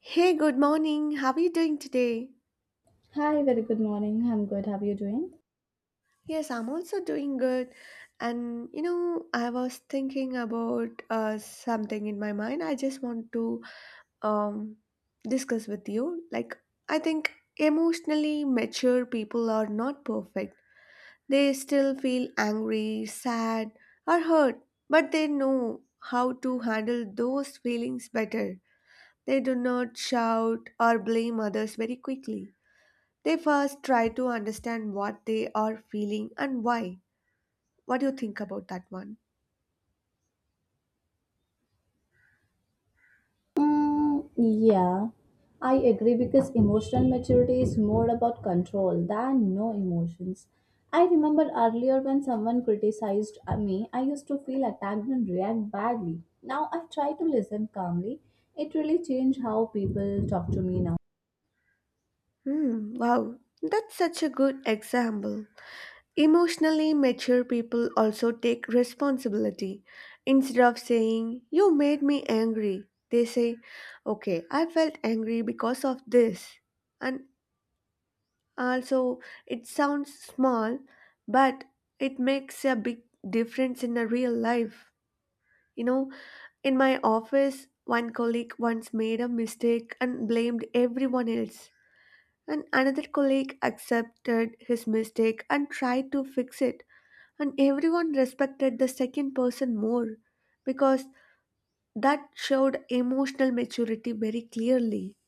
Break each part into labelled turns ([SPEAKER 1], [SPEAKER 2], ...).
[SPEAKER 1] Hey, good morning. How are you doing today?
[SPEAKER 2] Hi, very good morning. I'm good. How are you doing?
[SPEAKER 1] Yes, I'm also doing good. And you know, I was thinking about something in my mind. I just want to um, discuss with you. Like, I think emotionally mature people are not perfect. They still feel angry, sad, or hurt, but they know how to handle those feelings better. They do not shout or blame others very quickly. They first try to understand what they are feeling and why. What do you think about that one?
[SPEAKER 2] Mm, yeah, I agree because emotional maturity is more about control than no emotions. I remember earlier when someone criticized me, I used to feel attacked and react badly. Now I try to listen calmly. It really changed how people talk to me now.
[SPEAKER 1] Hmm, wow, that's such a good example. Emotionally mature people also take responsibility. Instead of saying, "You made me angry," they say, "Okay, I felt angry because of this." And also, it sounds small, but it makes a big difference in a real life. You know, in my office, one colleague once made a mistake and blamed everyone else. And another colleague accepted his mistake and tried to fix it. And everyone respected the second person more because that showed emotional maturity very clearly.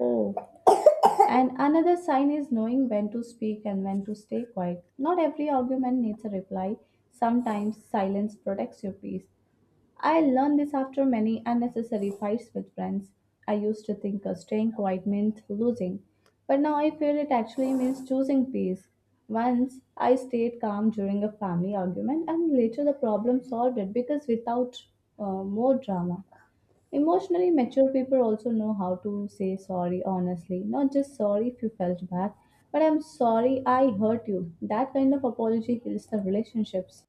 [SPEAKER 2] Oh, and another sign is knowing when to speak and when to stay quiet. Not every argument needs a reply. Sometimes silence protects your peace. I learned this after many unnecessary fights with friends. I used to think staying quiet meant losing, but now I feel it actually means choosing peace. Once I stayed calm during a family argument, and later the problem solved it because without more drama. Emotionally mature people also know how to say sorry honestly, not just sorry if you felt bad, but I'm sorry I hurt you. That kind of apology heals the relationships.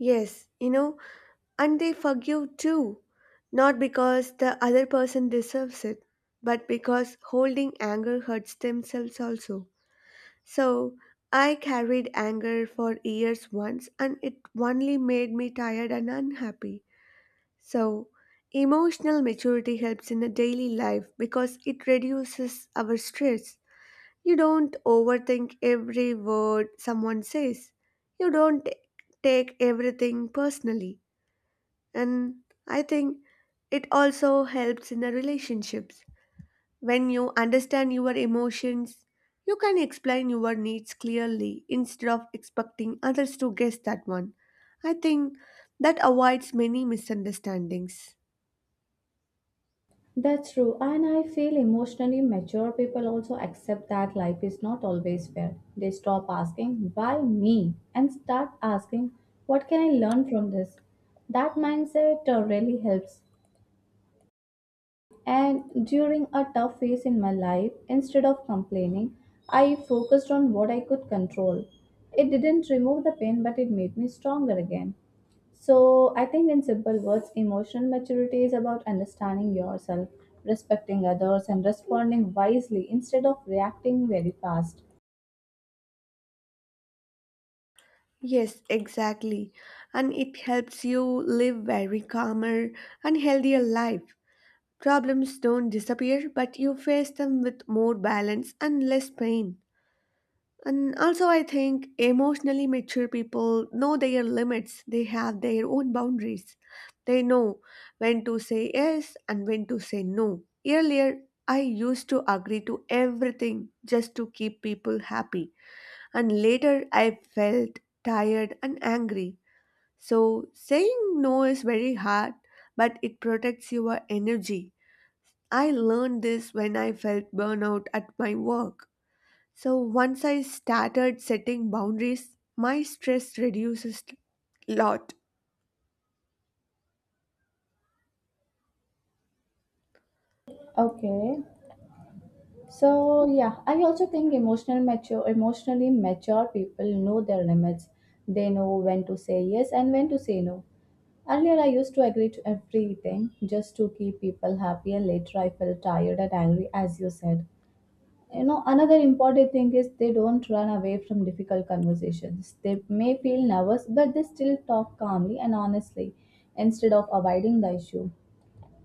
[SPEAKER 1] Yes, you know, and they forgive too. Not because the other person deserves it, but because holding anger hurts themselves also. So I carried anger for years once, and it only made me tired and unhappy. So emotional maturity helps in a daily life because it reduces our stress. You don't overthink every word someone says. You don't t- take everything personally. And I think it also helps in the relationships when you understand your emotions, you can explain your needs clearly instead of expecting others to guess that one. I think that avoids many misunderstandings.
[SPEAKER 2] That's true, and I feel emotionally mature people also accept that life is not always fair. They stop asking, why me? And start asking, what can I learn from this? That mindset really helps. And during a tough phase in my life, instead of complaining, I focused on what I could control. It didn't remove the pain, but it made me stronger again. So, I think in simple words, emotional maturity is about understanding yourself, respecting others, and responding wisely instead of reacting very fast.
[SPEAKER 1] Yes, exactly. And it helps you live very calmer and healthier life. Problems don't disappear, but you face them with more balance and less pain. And also, I think emotionally mature people know their limits, they have their own boundaries. They know when to say yes and when to say no. Earlier, I used to agree to everything just to keep people happy, and later I felt tired and angry. So, saying no is very hard, but it protects your energy. I learned this when I felt burnout at my work. So once I started setting boundaries, my stress reduces a lot.
[SPEAKER 2] Okay. So yeah, I also think emotionally mature people know their limits. They know when to say yes and when to say no. Earlier, I used to agree to everything just to keep people happy, and later I felt tired and angry, as you said. You know, another important thing is they don't run away from difficult conversations. They may feel nervous, but they still talk calmly and honestly instead of avoiding the issue.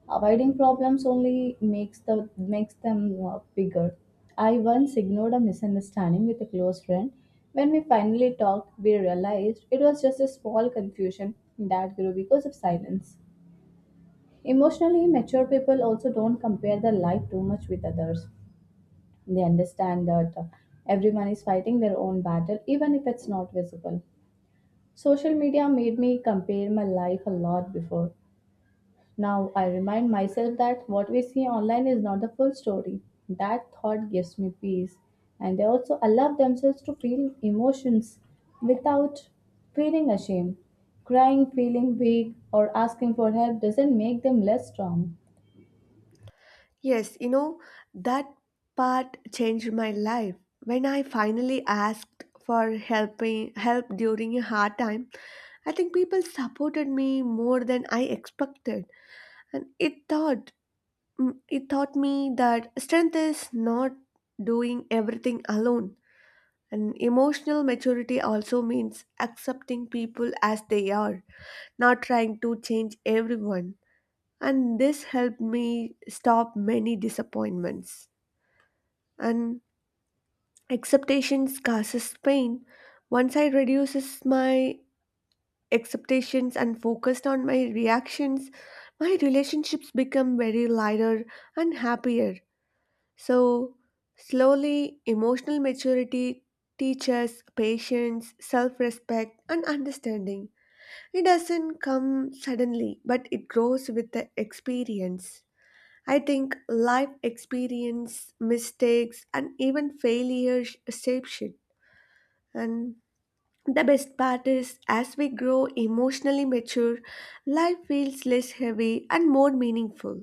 [SPEAKER 2] Avoiding problems only makes them bigger. I once ignored a misunderstanding with a close friend. When we finally talked, we realized it was just a small confusion that grew because of silence. Emotionally mature people also don't compare their life too much with others. They understand that everyone is fighting their own battle, even if it's not visible. Social media made me compare my life a lot before. Now I remind myself that what we see online is not the full story. That thought gives me peace. And they also allow themselves to feel emotions without feeling ashamed. Crying, feeling weak, or asking for help doesn't make them less strong.
[SPEAKER 1] Yes, you know, that part changed my life. When I finally asked for help during a hard time, I think people supported me more than I expected. And it taught it taught me that strength is not doing everything alone. And emotional maturity also means accepting people as they are not trying to change everyone. And this helped me stop many disappointments. And expectations causes pain. Once I reduces my expectations and focused on my reactions, my relationships become very lighter and happier. So slowly emotional maturity teaches patience, self-respect and understanding. It doesn't come suddenly, but it grows with the experience. I think life experience, mistakes, and even failures shape it. And the best part is, as we grow emotionally mature, life feels less heavy and more meaningful.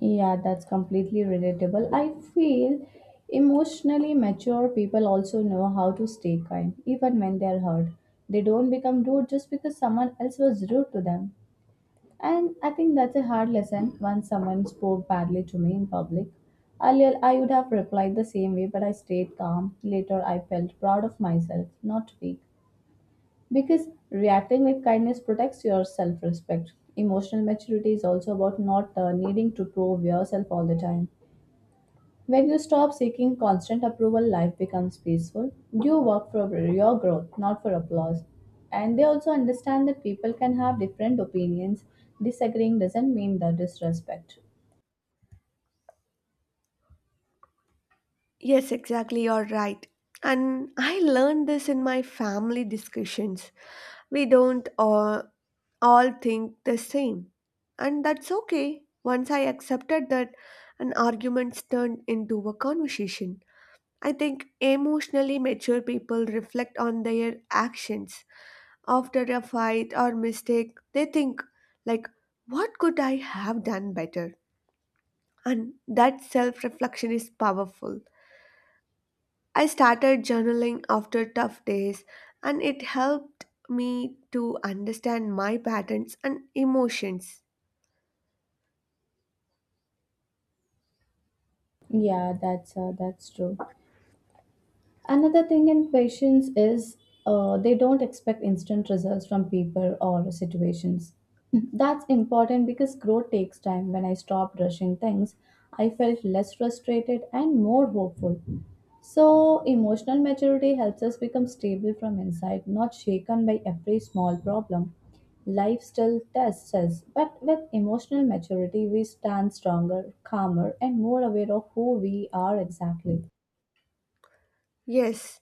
[SPEAKER 2] Yeah, that's completely relatable. I feel emotionally mature people also know how to stay kind, even when they're hurt. They don't become rude just because someone else was rude to them. And I think that's a hard lesson. Once someone spoke badly to me in public. Earlier, I would have replied the same way, but I stayed calm. Later, I felt proud of myself, not weak. Because reacting with kindness protects your self respect. Emotional maturity is also about not needing to prove yourself all the time. When you stop seeking constant approval, life becomes peaceful. You work for your growth, not for applause. And they also understand that people can have different opinions. Disagreeing doesn't mean the disrespect.
[SPEAKER 1] Yes, exactly, you're right. And I learned this in my family discussions. We don't all think the same. And that's okay. Once I accepted that, an argument turned into a conversation. I think emotionally mature people reflect on their actions. After a fight or mistake, they think, like, what could I have done better? And that self reflection is powerful. I started journaling after tough days, and it helped me to understand my patterns and emotions.
[SPEAKER 2] Yeah, that's true. Another thing in patients is they don't expect instant results from people or situations. That's important because growth takes time. When I stopped rushing things, I felt less frustrated and more hopeful. So, emotional maturity helps us become stable from inside, not shaken by every small problem. Life still tests us, but with emotional maturity, we stand stronger, calmer, and more aware of who we are exactly.
[SPEAKER 1] Yes,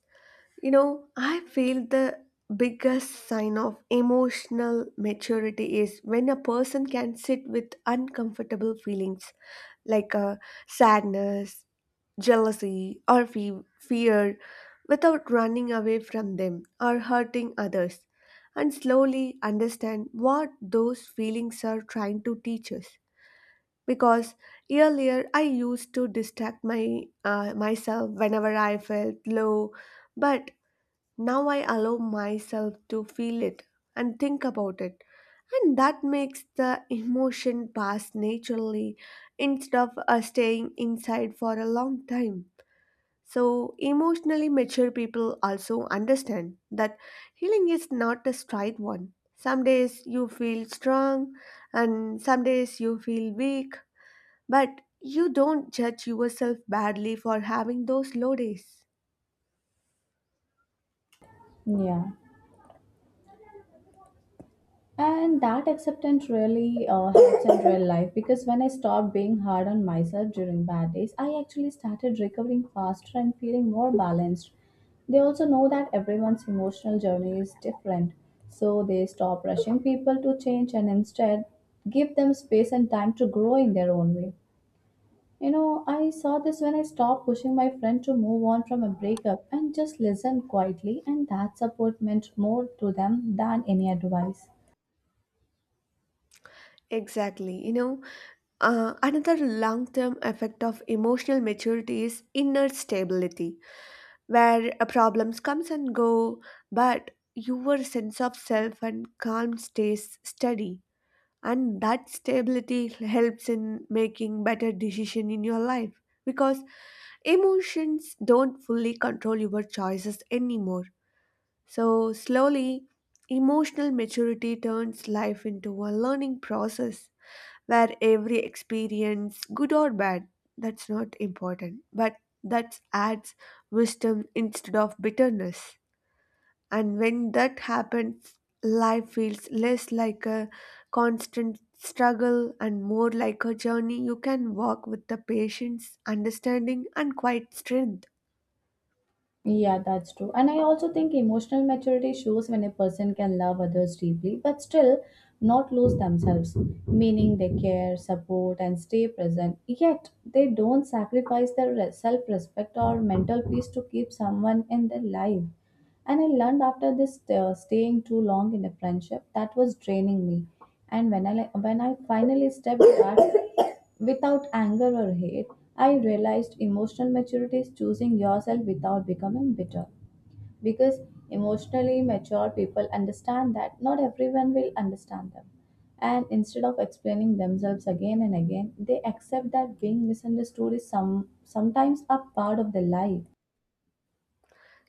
[SPEAKER 1] you know, I feel the biggest sign of emotional maturity is when a person can sit with uncomfortable feelings like sadness, jealousy, or fear without running away from them or hurting others, and slowly understand what those feelings are trying to teach us. Because earlier I used to distract my myself whenever I felt low, but now I allow myself to feel it and think about it, and that makes the emotion pass naturally instead of staying inside for a long time. So, emotionally mature people also understand that healing is not a straight one. Some days you feel strong, and some days you feel weak, but you don't judge yourself badly for having those low days.
[SPEAKER 2] Yeah. And that acceptance really helps in real life because when I stopped being hard on myself during bad days, I actually started recovering faster and feeling more balanced. They also know that everyone's emotional journey is different, so they stop rushing people to change and instead give them space and time to grow in their own way. You know, I saw this when I stopped pushing my friend to move on from a breakup and just listened quietly, and that support meant more to them than any advice.
[SPEAKER 1] Exactly, you know. Another long term effect of emotional maturity is inner stability, where problems comes and go, but your sense of self and calm stays steady. And that stability helps in making better decision in your life because emotions don't fully control your choices anymore. So slowly, emotional maturity turns life into a learning process where every experience, good or bad, that's not important, but that adds wisdom instead of bitterness. And when that happens, life feels less like a constant struggle and more like a journey you can walk with the patience, understanding, and quiet strength.
[SPEAKER 2] Yeah, that's true. And I also think emotional maturity shows when a person can love others deeply but still not lose themselves, meaning they care, support, and stay present. Yet they don't sacrifice their self respect or mental peace to keep someone in their life. And I learned after this staying too long in a friendship that was draining me. And when I finally stepped back without anger or hate, I realized emotional maturity is choosing yourself without becoming bitter. Because emotionally mature people understand that not everyone will understand them. And instead of explaining themselves again and again, they accept that being misunderstood is sometimes a part of their life.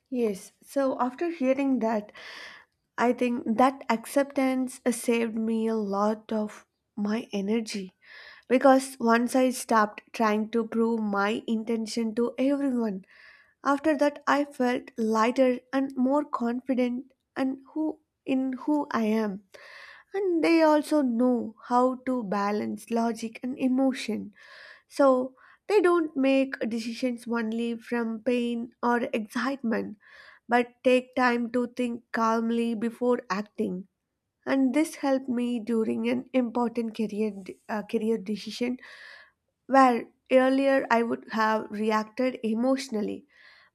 [SPEAKER 1] Yes. So after hearing that, I think that acceptance saved me a lot of my energy because once I stopped trying to prove my intention to everyone, after that I felt lighter and more confident and who in who I am. And they also know how to balance logic and emotion. So they don't make decisions only from pain or excitement but take time to think calmly before acting. And this helped me during an important career decision where earlier I would have reacted emotionally,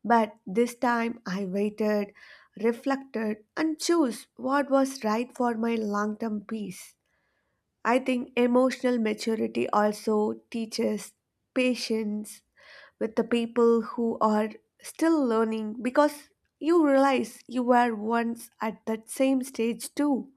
[SPEAKER 1] but this time I waited, reflected, and chose what was right for my long term peace. I think emotional maturity also teaches patience with the people who are still learning because you realize you were once at that same stage too.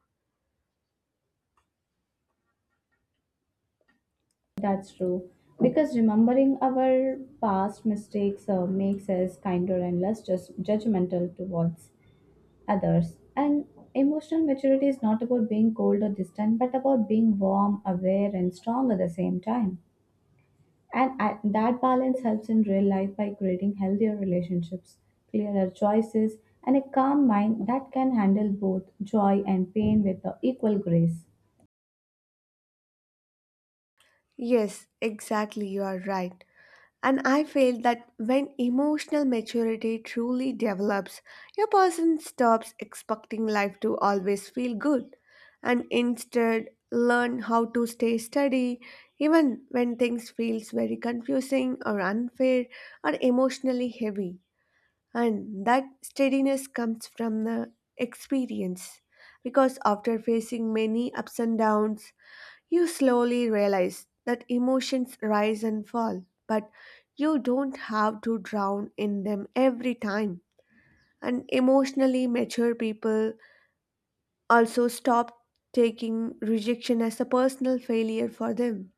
[SPEAKER 2] That's true. Because remembering our past mistakes makes us kinder and less just judgmental towards others. And emotional maturity is not about being cold or distant, but about being warm, aware, and strong at the same time. And I, that balance helps in real life by creating healthier relationships, clearer choices, and a calm mind that can handle both joy and pain with equal grace.
[SPEAKER 1] Yes, exactly, you are right. And I feel that when emotional maturity truly develops, a person stops expecting life to always feel good and instead learn how to stay steady even when things feels very confusing or unfair or emotionally heavy and that steadiness comes from the experience because after facing many ups and downs you slowly realize that emotions rise and fall, but you don't have to drown in them every time. And emotionally mature people also stop taking rejection as a personal failure for them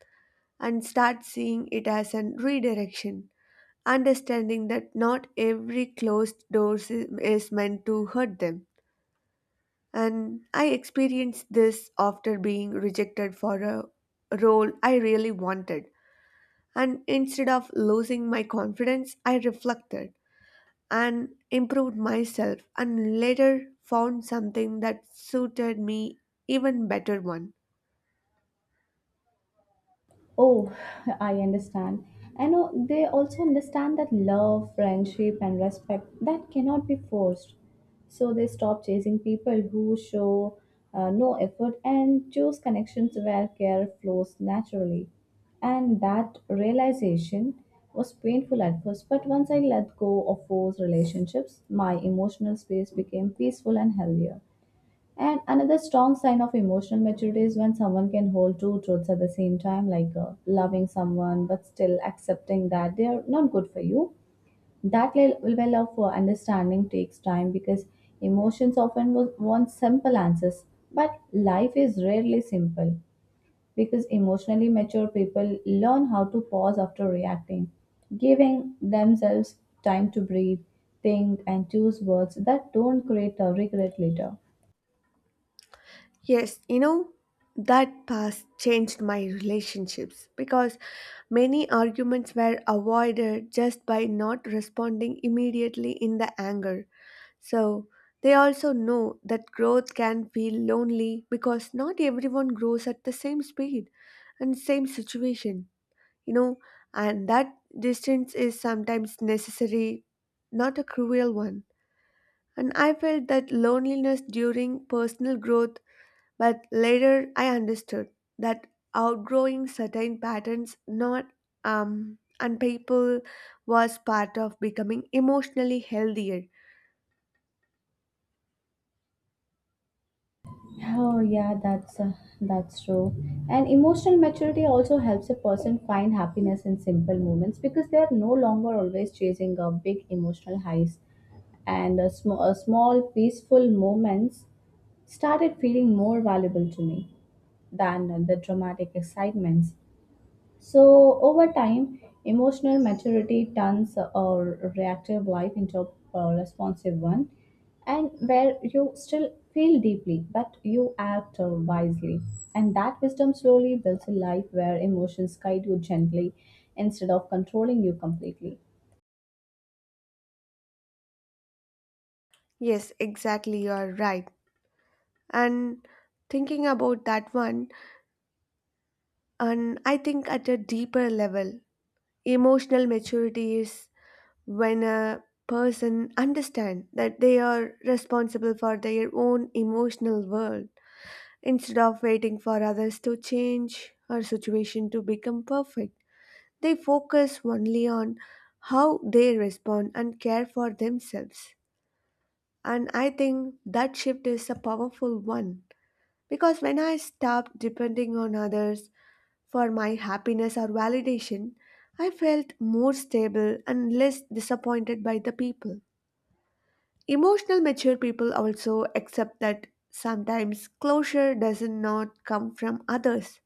[SPEAKER 1] and start seeing it as a redirection, understanding that not every closed door is meant to hurt them. And I experienced this after being rejected for a role I really wanted. And instead of losing my confidence, I reflected and improved myself and later found something that suited me even better one.
[SPEAKER 2] Oh, I understand. I know they also understand that love, friendship, and respect that cannot be forced. So they stop chasing people who show no effort and choose connections where care flows naturally. And that realization was painful at first, but once I let go of those relationships, my emotional space became peaceful and healthier. And another strong sign of emotional maturity is when someone can hold two truths at the same time, like loving someone but still accepting that they are not good for you. Level of understanding takes time because emotions want simple answers, but life is rarely simple because emotionally mature people learn how to pause after reacting, giving themselves time to breathe, think, and choose words that don't create a regret later.
[SPEAKER 1] Yes, you know, that past changed my relationships because many arguments were avoided just by not responding immediately in the anger. So they also know that growth can feel lonely because not everyone grows at the same speed and same situation, you know, and that distance is sometimes necessary, not a cruel one. And I felt that loneliness during personal growth but later I understood that outgrowing certain patterns not and people was part of becoming emotionally healthier.
[SPEAKER 2] Oh yeah, that's true. And emotional maturity also helps a person find happiness in simple moments because they are no longer always chasing a big emotional highs. And a small peaceful moments started feeling more valuable to me than the dramatic excitements. So, over time, emotional maturity turns our reactive life into a responsive one, and where you still feel deeply, but you act wisely. And that wisdom slowly builds a life where emotions guide you gently instead of controlling you completely.
[SPEAKER 1] Yes, exactly you are right. And thinking about that one and I think at a deeper level, emotional maturity is when a person understand that they are responsible for their own emotional world. Instead of waiting for others to change or situation to become perfect, they focus only on how they respond and care for themselves. And I think that shift is a powerful one because when I stopped depending on others for my happiness or validation, I felt more stable and less disappointed by the people. Emotional mature people also accept that sometimes closure does not come from others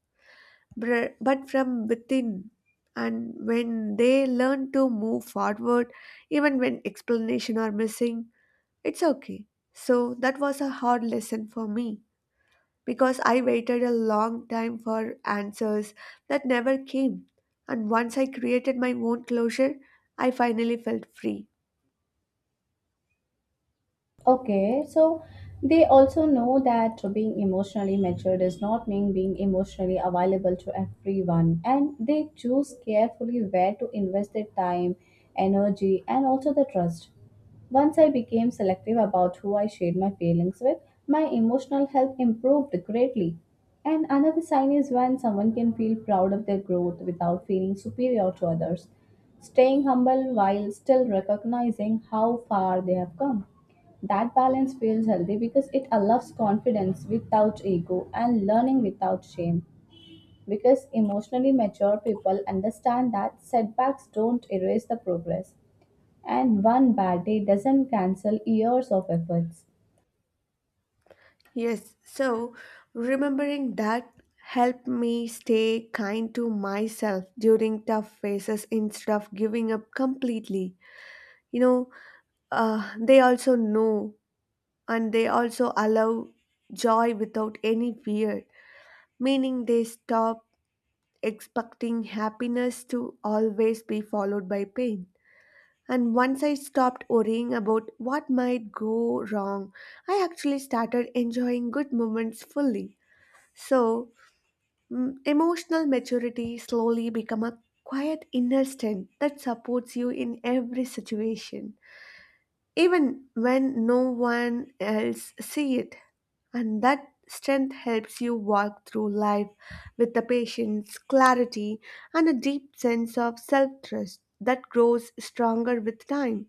[SPEAKER 1] but from within. And when they learn to move forward, even when explanation are missing, it's okay. So that was a hard lesson for me because I waited a long time for answers that never came. And once I created my own closure, I finally felt free.
[SPEAKER 2] Okay, so they also know that being emotionally matured does not mean being emotionally available to everyone, and they choose carefully where to invest their time, energy, and also the trust. Once I became selective about who I shared my feelings with, my emotional health improved greatly. And another sign is when someone can feel proud of their growth without feeling superior to others, staying humble while still recognizing how far they have come. That balance feels healthy because it allows confidence without ego and learning without shame. Because emotionally mature people understand that setbacks don't erase the progress, and one bad day doesn't cancel years of efforts.
[SPEAKER 1] Yes, so remembering that helped me stay kind to myself during tough phases instead of giving up completely. You know, they also know and they also allow joy without any fear, meaning they stop expecting happiness to always be followed by pain, and once I stopped worrying about what might go wrong, I actually started enjoying good moments fully. So, emotional maturity slowly become a quiet inner strength that supports you in every situation, even when no one else see it, and that strength helps you walk through life with the patience, clarity, and a deep sense of self-trust that grows stronger with time.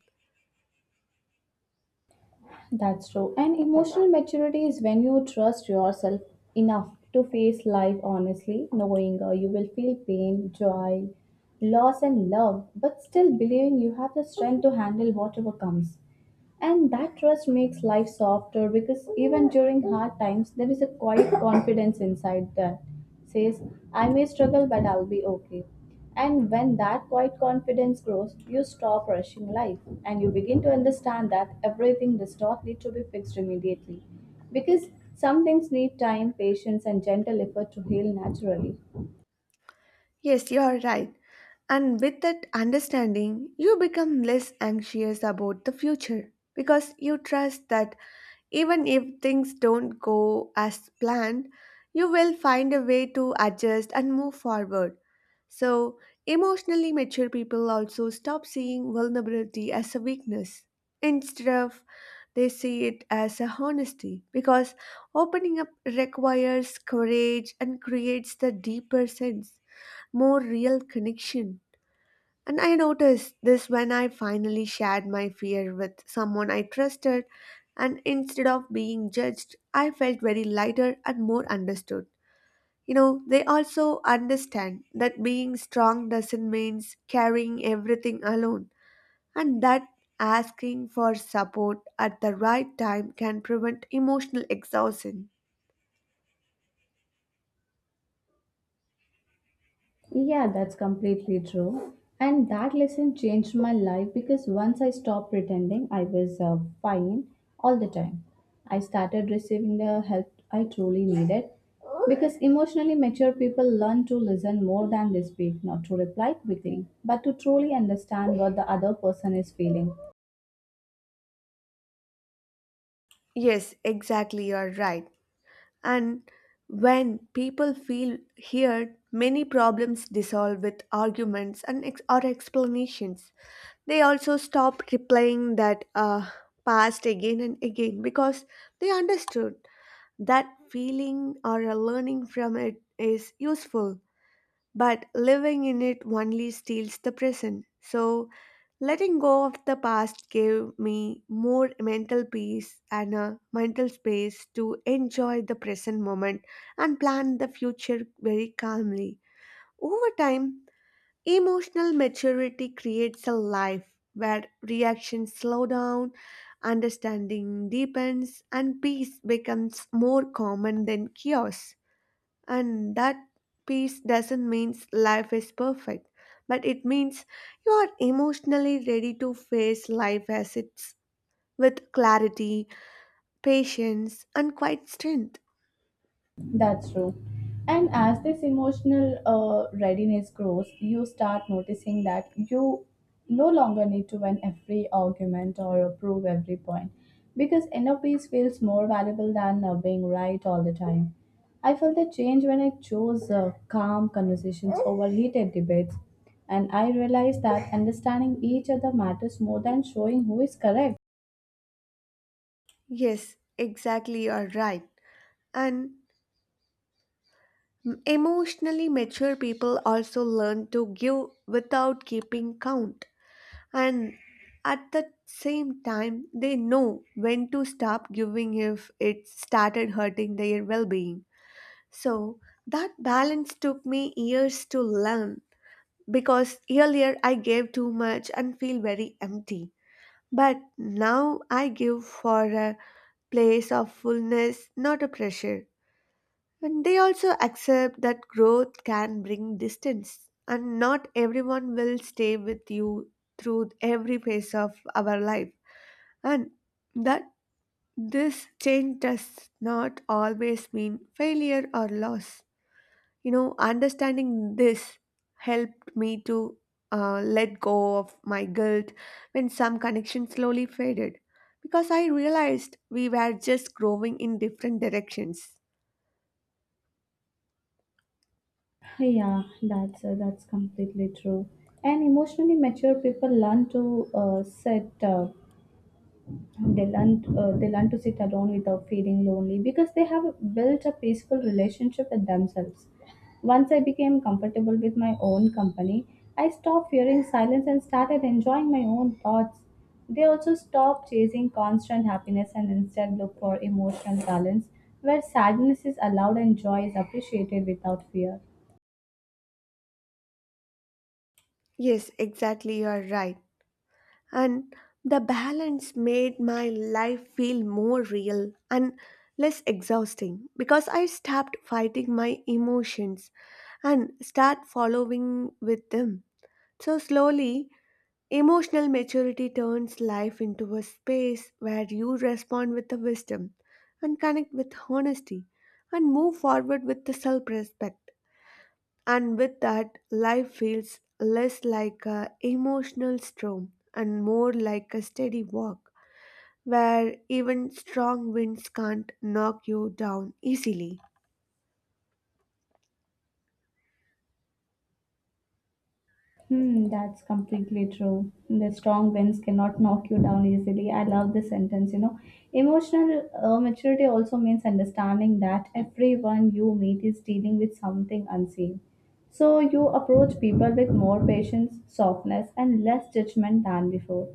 [SPEAKER 2] That's true. And emotional maturity is when you trust yourself enough to face life honestly, knowing you will feel pain, joy, loss, and love, but still believing you have the strength to handle whatever comes. And that trust makes life softer because even during hard times, there is a quiet confidence inside that says, I may struggle, but I'll be okay. And when that quiet confidence grows, you stop rushing life and you begin to understand that everything does not need to be fixed immediately because some things need time, patience, and gentle effort to heal naturally.
[SPEAKER 1] Yes, you are right. And with that understanding you become less anxious about the future because you trust that even if things don't go as planned, you will find a way to adjust and move forward. So, emotionally mature people also stop seeing vulnerability as a weakness. Instead of they see it as a honesty because opening up requires courage and creates the deeper sense, more real connection. And I noticed this when I finally shared my fear with someone I trusted, and instead of being judged, I felt very lighter and more understood. You know, they also understand that being strong doesn't mean carrying everything alone, and that asking for support at the right time can prevent emotional exhaustion.
[SPEAKER 2] Yeah, that's completely true. And that lesson changed my life because once I stopped pretending I was fine all the time, I started receiving the help I truly needed. Because emotionally mature people learn to listen more than they speak, not to reply quickly, but to truly understand what the other person is feeling.
[SPEAKER 1] Yes, exactly, you're right. And when people feel heard, many problems dissolve with arguments and or explanations. They also stop replaying that past again and again because they understood that feeling or a learning from it is useful, but living in it only steals the present. So, letting go of the past gave me more mental peace and a mental space to enjoy the present moment and plan the future very calmly. Over time, emotional maturity creates a life where reactions slow down, understanding deepens, and peace becomes more common than chaos. And that peace doesn't mean life is perfect, but it means you are emotionally ready to face life as it's with clarity, patience, and quite strength.
[SPEAKER 2] That's true. And as this emotional readiness grows, you start noticing that you no longer need to win every argument or prove every point because inner peace feels more valuable than being right all the time. I felt the change when I chose calm conversations over heated debates, and I realized that understanding each other matters more than showing who is correct.
[SPEAKER 1] Yes, exactly, you're right. And emotionally mature people also learn to give without keeping count. And at the same time, they know when to stop giving if it started hurting their well being. So that balance took me years to learn because earlier I gave too much and feel very empty. But now I give for a place of fullness, not a pressure. And they also accept that growth can bring distance, and not everyone will stay with you through every phase of our life. And that this change does not always mean failure or loss. You know, understanding this helped me to let go of my guilt when some connection slowly faded because I realized we were just growing in different directions.
[SPEAKER 2] Yeah, that's completely true. And emotionally mature people learn to sit. They learn to sit alone without feeling lonely because they have built a peaceful relationship with themselves. Once I became comfortable with my own company, I stopped fearing silence and started enjoying my own thoughts. They also stopped chasing constant happiness and instead look for emotional balance where sadness is allowed and joy is appreciated without fear.
[SPEAKER 1] Yes, exactly, you are right. And the balance made my life feel more real and less exhausting because I stopped fighting my emotions and start following with them. So slowly, emotional maturity turns life into a space where you respond with the wisdom and connect with honesty and move forward with the self respect. And with that, life feels less like a emotional storm and more like a steady walk where even strong winds can't knock you down easily.
[SPEAKER 2] Hmm, that's completely true. The strong winds cannot knock you down easily. I love this sentence. You know, emotional maturity also means understanding that everyone you meet is dealing with something unseen. So you approach people with more patience, softness, and less judgment than before.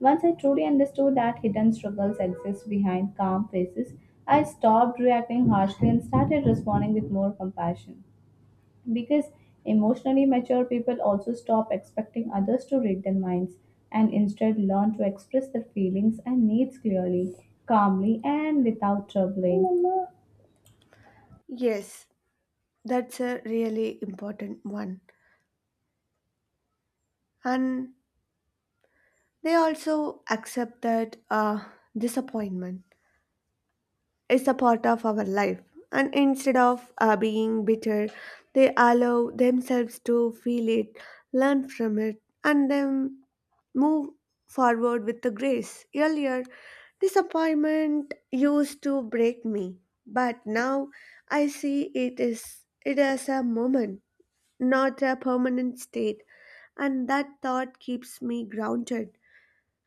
[SPEAKER 2] Once I truly understood that hidden struggles exist behind calm faces, I stopped reacting harshly and started responding with more compassion because emotionally mature people also stop expecting others to read their minds and instead learn to express their feelings and needs clearly, calmly, and without troubling.
[SPEAKER 1] Yes, that's a really important one. And they also accept that disappointment is a part of our life. And instead of being bitter, they allow themselves to feel it, learn from it, and then move forward with the grace. Earlier, disappointment used to break me, but now I see it as a moment, not a permanent state, and that thought keeps me grounded.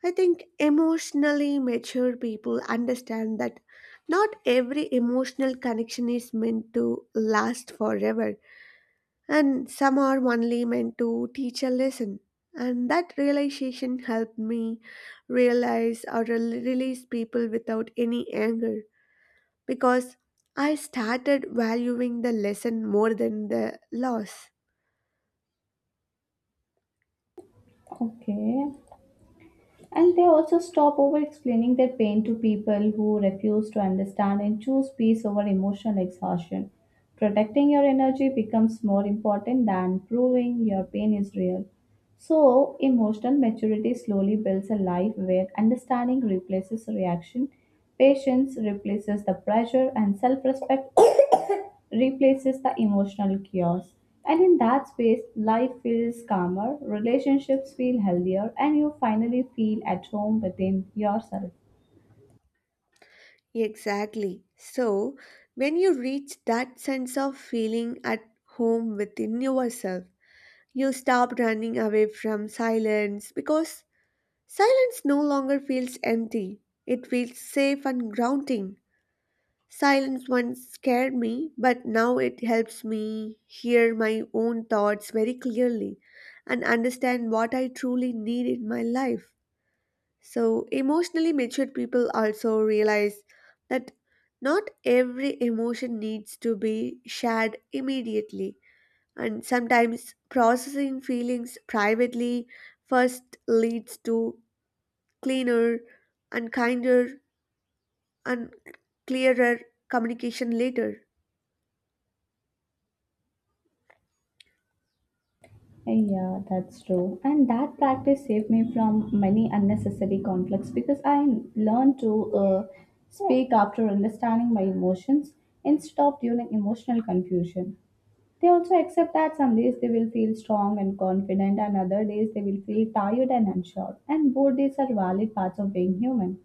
[SPEAKER 1] I think emotionally mature people understand that not every emotional connection is meant to last forever, and some are only meant to teach a lesson. And that realization helped me release people without any anger because I started valuing the lesson more than the loss.
[SPEAKER 2] Okay. And they also stop over explaining their pain to people who refuse to understand and choose peace over emotional exhaustion. Protecting your energy becomes more important than proving your pain is real. So, emotional maturity slowly builds a life where understanding replaces reaction, patience replaces the pressure, and self respect replaces the emotional chaos. And in that space, life feels calmer, relationships feel healthier, and you finally feel at home within yourself.
[SPEAKER 1] Exactly. So, when you reach that sense of feeling at home within yourself, you stop running away from silence because silence no longer feels empty. It feels safe and grounding. Silence once scared me, but now it helps me hear my own thoughts very clearly and understand what I truly need in my life. So, emotionally matured people also realize that not every emotion needs to be shared immediately, and sometimes processing feelings privately first leads to cleaner and kinder and clearer communication later.
[SPEAKER 2] Yeah, that's true. And that practice saved me from many unnecessary conflicts because I learned to speak after understanding my emotions instead of during emotional confusion. They also accept that some days they will feel strong and confident, and other days they will feel tired and unsure. And both these are valid parts of being human.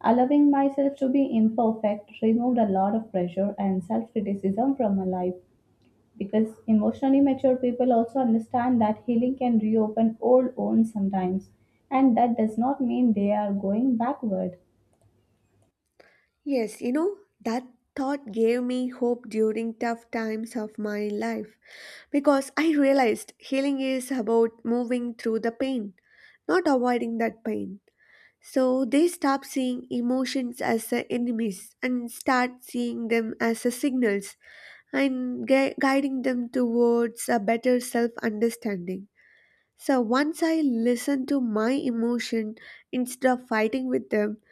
[SPEAKER 2] Allowing myself to be imperfect removed a lot of pressure and self criticism from my life because emotionally mature people also understand that healing can reopen old wounds sometimes, and that does not mean they are going backward.
[SPEAKER 1] Yes, you know, that thought gave me hope during tough times of my life because I realized healing is about moving through the pain not avoiding that pain. So they stop seeing emotions as enemies and start seeing them as signals and guiding them towards a better self understanding. So once I listen to my emotion instead of fighting with them,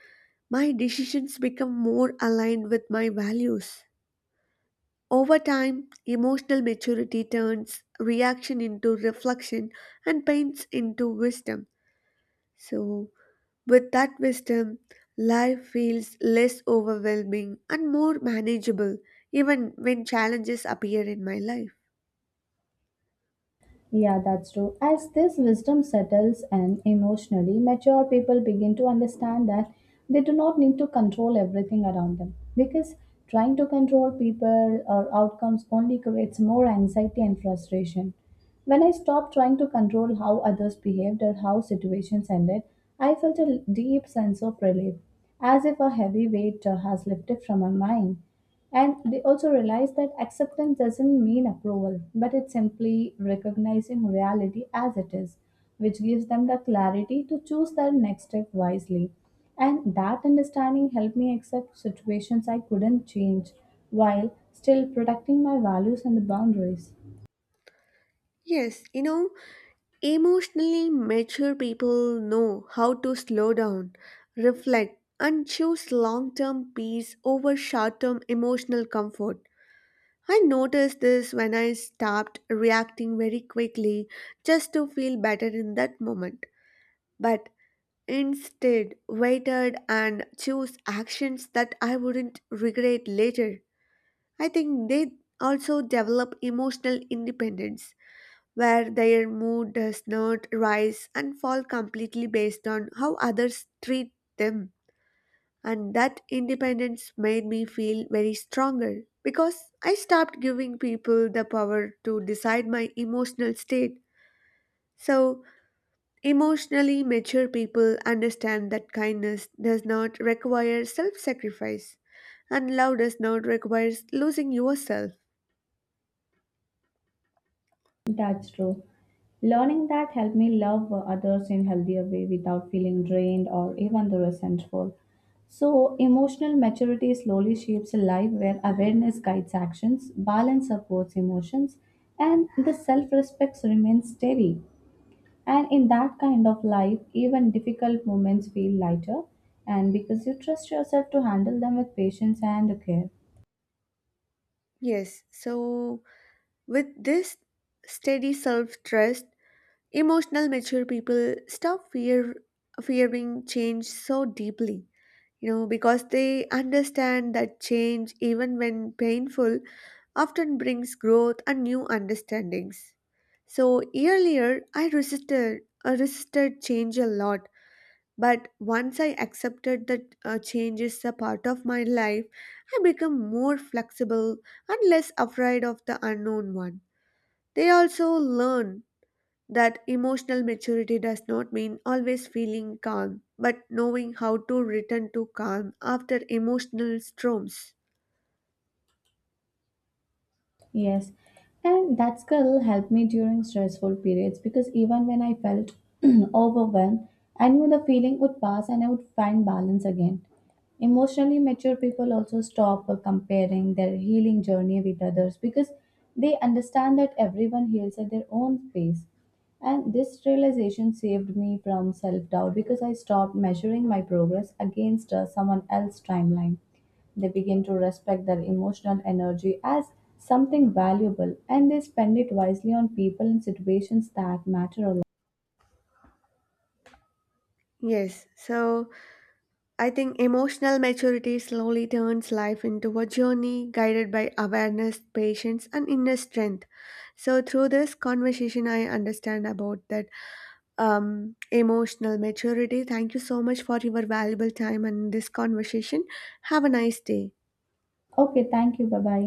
[SPEAKER 1] my decisions become more aligned with my values. Over time, emotional maturity turns reaction into reflection and pains into wisdom. So, with that wisdom, life feels less overwhelming and more manageable, even when challenges appear in my life.
[SPEAKER 2] Yeah, that's true. As this wisdom settles and emotionally, mature people begin to understand that they do not need to control everything around them because trying to control people or outcomes only creates more anxiety and frustration. When I stopped trying to control how others behaved or how situations ended, I felt a deep sense of relief, as if a heavy weight has lifted from my mind. And they also realize that acceptance doesn't mean approval, but it's simply recognizing reality as it is, which gives them the clarity to choose their next step wisely. And that understanding helped me accept situations I couldn't change while still protecting my values and boundaries.
[SPEAKER 1] Yes, you know, emotionally mature people know how to slow down, reflect, and choose long term peace over short term emotional comfort. I noticed this when I stopped reacting very quickly just to feel better in that moment. But instead, waited and chose actions that I wouldn't regret later. I think they also develop emotional independence, where their mood does not rise and fall completely based on how others treat them. And that independence made me feel very stronger because I stopped giving people the power to decide my emotional state. So, emotionally mature people understand that kindness does not require self sacrifice, and love does not require losing yourself.
[SPEAKER 2] That's true. Learning that helped me love others in healthier way without feeling drained or even the resentful. So emotional maturity slowly shapes a life where awareness guides actions, balance supports emotions, and the self-respect remains steady. And in that kind of life, even difficult moments feel lighter, and because you trust yourself to handle them with patience and care.
[SPEAKER 1] Yes, so with this steady self trust, emotional mature people fearing change so deeply. You know, because they understand that change, even when painful, often brings growth and new understandings. So earlier I resisted change a lot, but once I accepted that change is a part of my life, I become more flexible and less afraid of the unknown one. They also learn that emotional maturity does not mean always feeling calm, but knowing how to return to calm after emotional storms.
[SPEAKER 2] Yes, and that skill helped me during stressful periods because even when I felt overwhelmed, I knew the feeling would pass and I would find balance again. Emotionally mature people also stop comparing their healing journey with others because they understand that everyone heals at their own pace. And this realization saved me from self doubt because I stopped measuring my progress against someone else's timeline. They begin to respect their emotional energy as something valuable and they spend it wisely on people and situations that matter a lot.
[SPEAKER 1] Yes, so I think emotional maturity slowly turns life into a journey guided by awareness, patience, and inner strength. So, through this conversation, I understand about that emotional maturity. Thank you so much for your valuable time and this conversation. Have a nice day.
[SPEAKER 2] Okay, thank you. Bye bye.